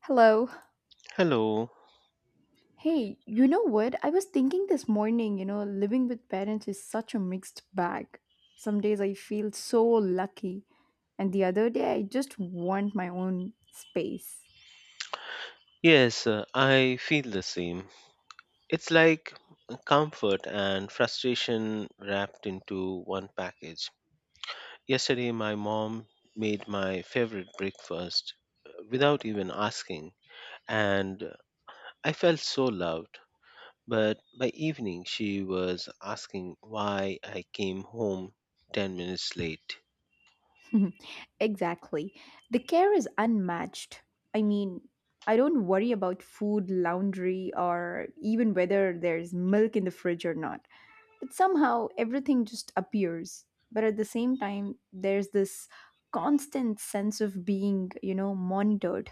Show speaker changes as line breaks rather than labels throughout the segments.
Hello.
Hello.
Hey, you know what? I was thinking this morning, you know, living with parents is such a mixed bag. Some days I feel so lucky, and the other day I just want my own space.
Yes, I feel the same. It's like comfort and frustration wrapped into one package. Yesterday, my mom made my favorite breakfast without even asking, and I felt so loved. But by evening, she was asking why I came home 10 minutes late.
Exactly. The care is unmatched. I mean, I don't worry about food, laundry, or even whether there's milk in the fridge or not. But somehow everything just appears. But at the same time, there's this constant sense of being, you know, monitored.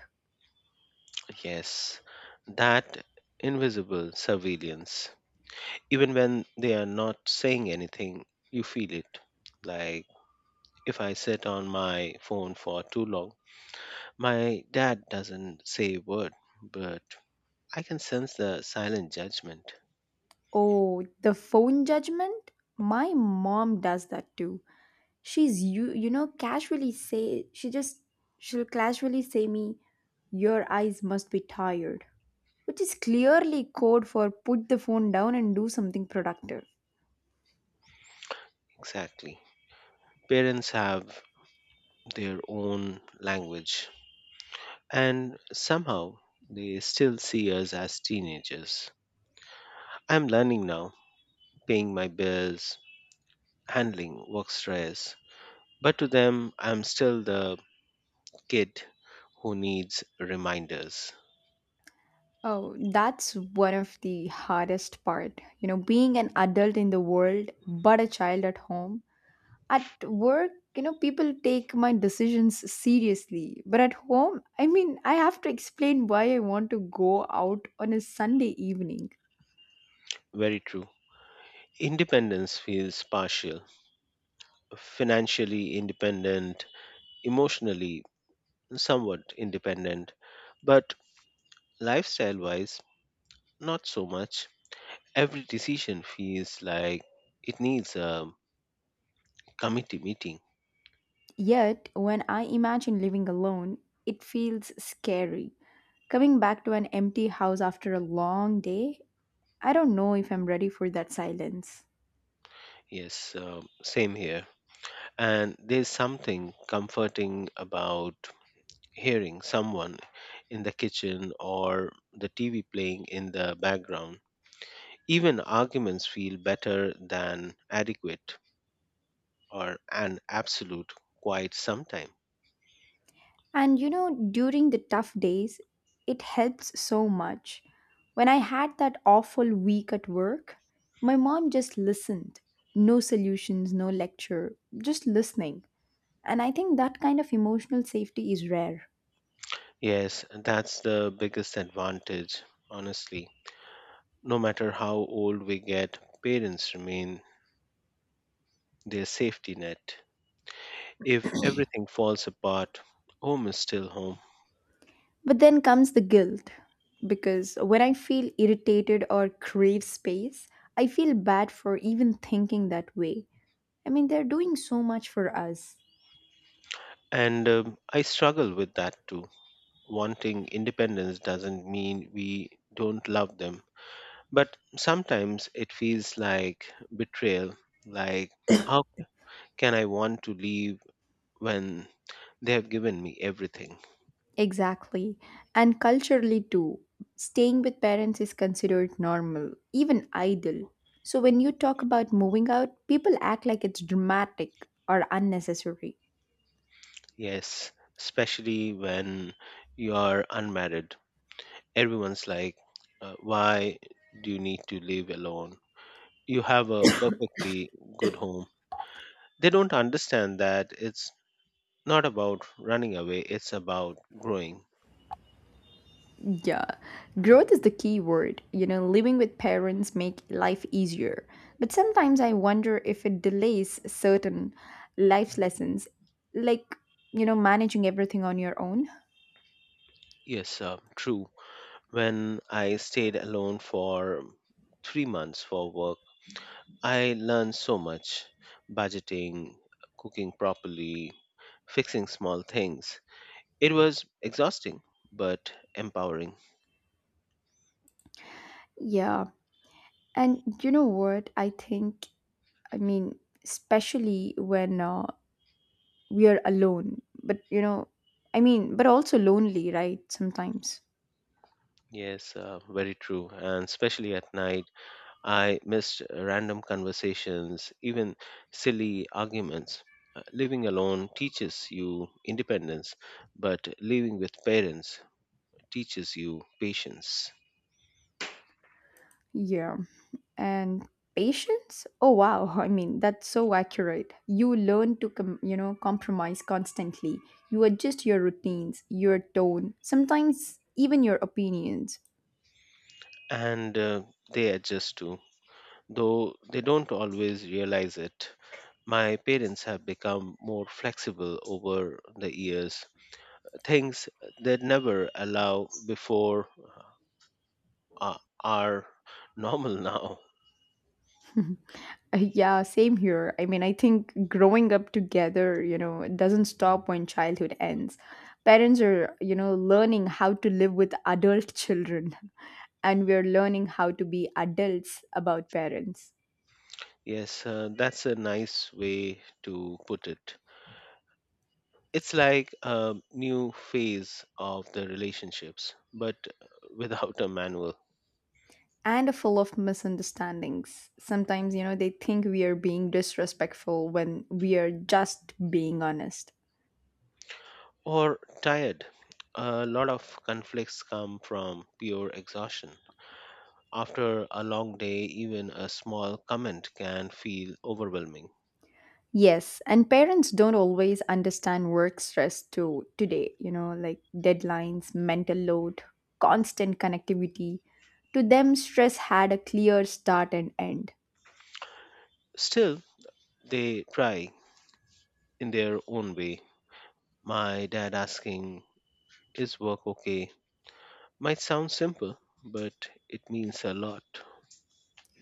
Yes, that invisible surveillance. Even when they are not saying anything, you feel it. Like if I sit on my phone for too long, my dad doesn't say a word, but I can sense the silent judgment.
Oh, the phone judgment? My mom does that too. She's you, you know, casually say, she just, she'll casually say me, your eyes must be tired, which is clearly code for put the phone down and do something productive.
Exactly. Parents have their own language, and somehow they still see us as teenagers. I'm learning now, paying my bills, handling work stress, but to them I'm still the kid who needs reminders.
Oh, that's one of the hardest part. You know, being an adult in the world, but a child at home. At work, you know, people take my decisions seriously. But at home, I mean, I have to explain why I want to go out on a Sunday evening.
Very true. Independence feels partial, financially independent, emotionally somewhat independent, but lifestyle wise, not so much. Every decision feels like it needs a committee meeting.
Yet, when I imagine living alone, it feels scary. Coming back to an empty house after a long day, I don't know if I'm ready for that silence.
Yes, same here. And there's something comforting about hearing someone in the kitchen or the TV playing in the background. Even arguments feel better than adequate or an absolute quite sometime.
And you know, during the tough days, it helps so much. When I had that awful week at work, my mom just listened. No solutions, no lecture, just listening. And I think that kind of emotional safety is rare.
Yes, that's the biggest advantage, honestly. No matter how old we get, parents remain their safety net. If everything falls apart, home is still home.
But then comes the guilt. Because when I feel irritated or crave space, I feel bad for even thinking that way. I mean, they're doing so much for us.
And I struggle with that too. Wanting independence doesn't mean we don't love them, but sometimes it feels like betrayal, like, how can I want to leave when they have given me everything?
Exactly. And culturally, too, staying with parents is considered normal, even ideal. So when you talk about moving out, people act like it's dramatic or unnecessary.
Yes, especially when you are unmarried. Everyone's like, why do you need to live alone? You have a perfectly good home. They don't understand that it's not about running away, it's about growing.
Yeah. Growth is the key word. You know, living with parents make life easier. But sometimes I wonder if it delays certain life lessons like, you know, managing everything on your own.
Yes, true. When I stayed alone for 3 months for work, I learned so much, budgeting, cooking properly, fixing small things. It was exhausting but empowering.
Yeah. And you know what? I think I mean, especially when we are alone. But you know, I mean, but also lonely, right? Sometimes.
Yes, very true. And especially at night, I missed random conversations, even silly arguments. Living alone teaches you independence, but living with parents teaches you patience.
Yeah. And patience? Oh wow. I mean, that's so accurate. You learn to you know, compromise constantly. You adjust your routines, your tone, sometimes even your opinions.
And they adjust too, though they don't always realize it. My parents have become more flexible over the years. Things they never allow before uh, are normal now.
Yeah, same here. I mean, I think growing up together, you know, it doesn't stop when childhood ends. Parents are, you know, learning how to live with adult children, and we're learning how to be adults about parents.
Yes, that's a nice way to put it. It's like a new phase of the relationships, but without a manual.
And are full of misunderstandings. Sometimes, you know, they think we are being disrespectful when we are just being honest.
Or tired. A lot of conflicts come from pure exhaustion. After a long day, even a small comment can feel overwhelming.
Yes, and parents don't always understand work stress too today, you know, like deadlines, mental load, constant connectivity. To them, stress had a clear start and end.
Still, they try in their own way. My dad asking, "Is work okay?" might sound simple, but it means a lot.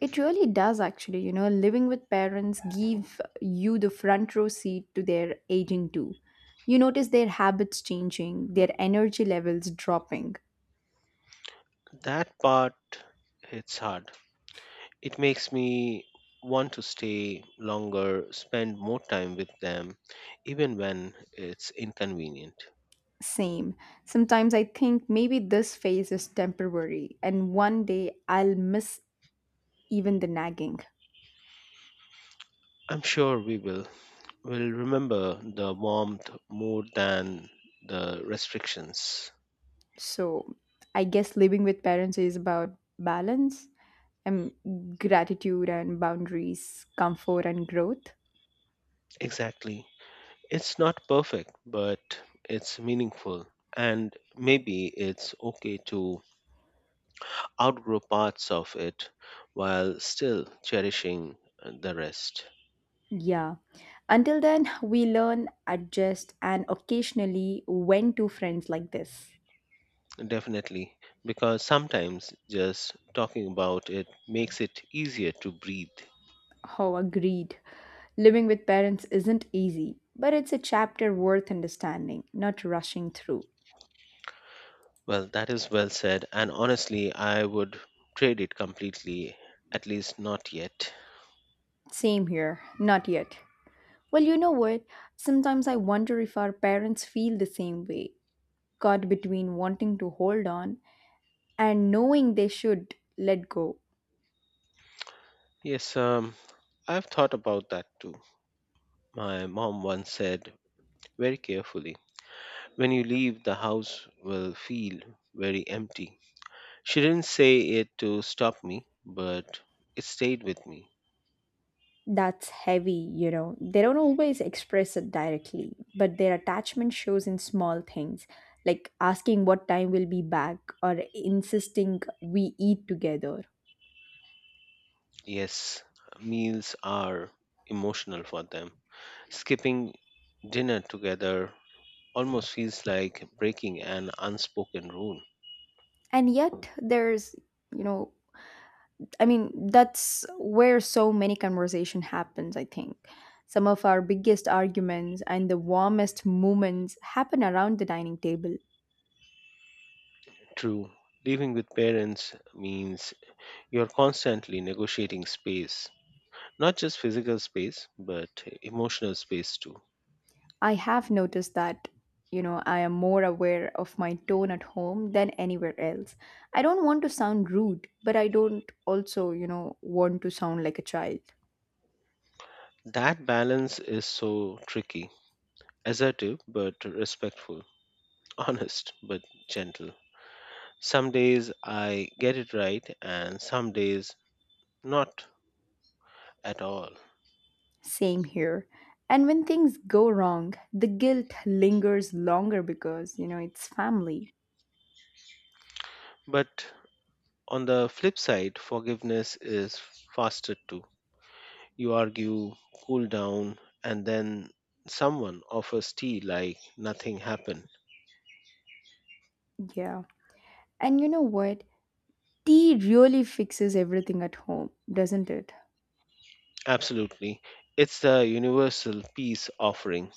It really does actually, you know, living with parents give you the front row seat to their aging too. You notice their habits changing, their energy levels dropping.
That part hits hard. It makes me want to stay longer, spend more time with them, even when it's inconvenient.
Same. Sometimes I think maybe this phase is temporary and one day I'll miss even the nagging.
I'm sure we will. We'll remember the warmth more than the restrictions.
So I guess living with parents is about balance and gratitude and boundaries, comfort and growth.
Exactly. It's not perfect, but it's meaningful. And maybe it's okay to outgrow parts of it while still cherishing the rest.
Yeah. Until then, we learn, adjust, and occasionally when to friends like this.
Definitely, because sometimes just talking about it makes it easier to breathe.
Oh, agreed. Living with parents isn't easy, but it's a chapter worth understanding, not rushing through.
Well, that is well said. And honestly, I would trade it completely, at least not yet.
Same here, not yet. Well, you know what? Sometimes I wonder if our parents feel the same way, caught between wanting to hold on and knowing they should let go.
Yes, I've thought about that too. My mom once said very carefully, "When you leave, the house will feel very empty." She didn't say it to stop me, but it stayed with me.
That's heavy, you know. They don't always express it directly, but their attachment shows in small things, like asking what time we'll be back or insisting we eat together.
Yes, meals are emotional for them. Skipping dinner together almost feels like breaking an unspoken rule.
And yet, there's, you know, I mean, that's where so many conversation happens, I think. Some of our biggest arguments and the warmest moments happen around the dining table.
True, living with parents means you're constantly negotiating space, not just physical space, but emotional space too.
I have noticed that, you know, I am more aware of my tone at home than anywhere else. I don't want to sound rude, but I don't also, you know, want to sound like a child.
That balance is so tricky, assertive but respectful, honest but gentle. Some days I get it right and some days not at all.
Same here. And when things go wrong, the guilt lingers longer because, you know, it's family.
But on the flip side, forgiveness is faster too. You argue, cool down, and then someone offers tea like nothing happened.
Yeah. And you know what? Tea really fixes everything at home, doesn't it?
Absolutely. It's the universal peace offering.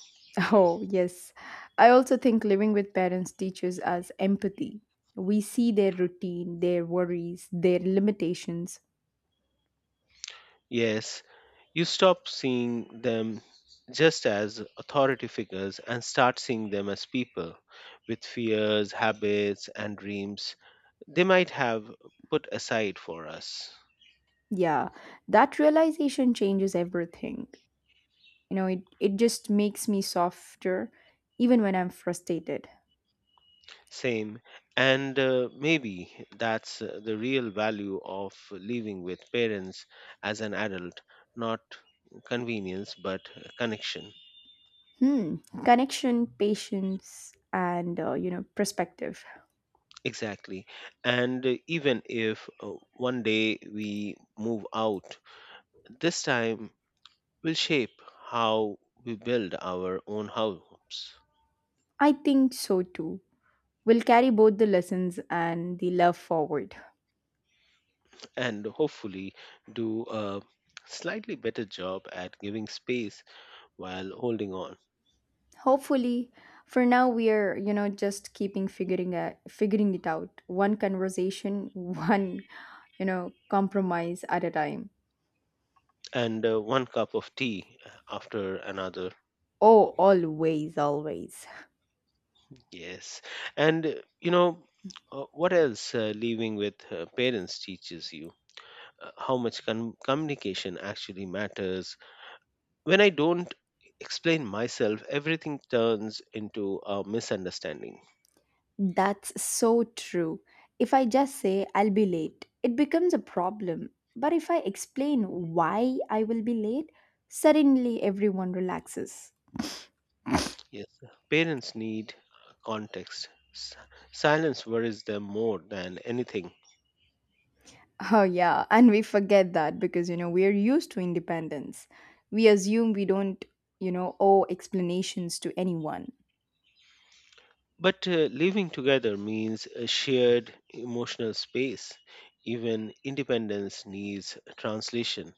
Oh, yes. I also think living with parents teaches us empathy. We see their routine, their worries, their limitations.
Yes, you stop seeing them just as authority figures and start seeing them as people with fears, habits, and dreams they might have put aside for us.
Yeah, that realization changes everything. It just makes me softer even when I'm frustrated.
Same, and maybe that's the real value of living with parents as an adult, not convenience but connection.
Hmm, connection, patience, and, you know, perspective.
Exactly. And even if one day we move out, this time will shape how we build our own homes.
I think so too. We'll carry both the lessons and the love forward.
And hopefully do a slightly better job at giving space while holding on.
Hopefully, for now we are, you know, just keeping figuring out figuring it out one conversation, one, you know, compromise at a time.
And one cup of tea after another.
Oh, always, always.
Yes, and you know what else living with parents teaches you how much communication actually matters. When I don't explain myself, everything turns into a misunderstanding.
That's so true. If I just say I'll be late, it becomes a problem. But if I explain why I will be late, suddenly everyone relaxes.
Yes, parents need context. Silence worries them more than anything.
Oh, yeah. And we forget that because, you know, we're used to independence. We assume we don't, you know, owe explanations to anyone.
But living together means a shared emotional space. Even independence needs translation.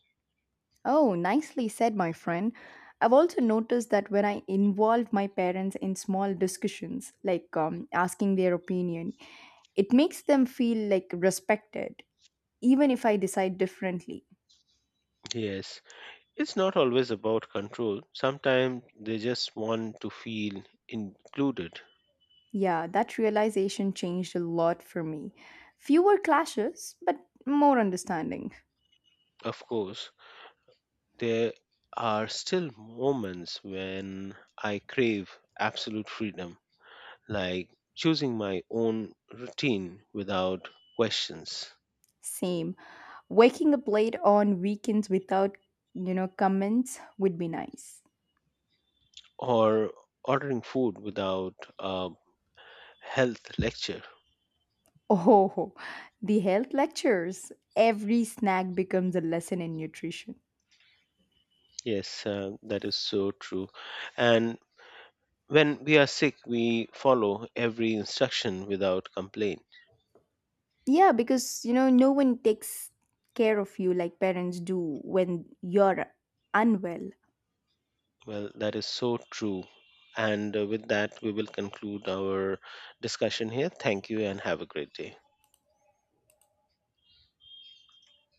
Oh, nicely said, my friend. I've also noticed that when I involve my parents in small discussions, like asking their opinion, it makes them feel like respected, even if I decide differently.
Yes, it's not always about control. Sometimes they just want to feel included.
Yeah, that realization changed a lot for me. Fewer clashes, but more understanding.
Of course, there are still moments when I crave absolute freedom. Like choosing my own routine without questions,
Same. Waking up late on weekends without, you know, comments would be nice.
or ordering food without a health lecture.
Oh, the health lectures. Every snack becomes a lesson in nutrition.
Yes, that is so true. And when we are sick, we follow every instruction without complaint.
Yeah, because, you know, no one takes care of you like parents do when you're unwell.
Well, that is so true. And with that, we will conclude our discussion here. Thank you and have a great day.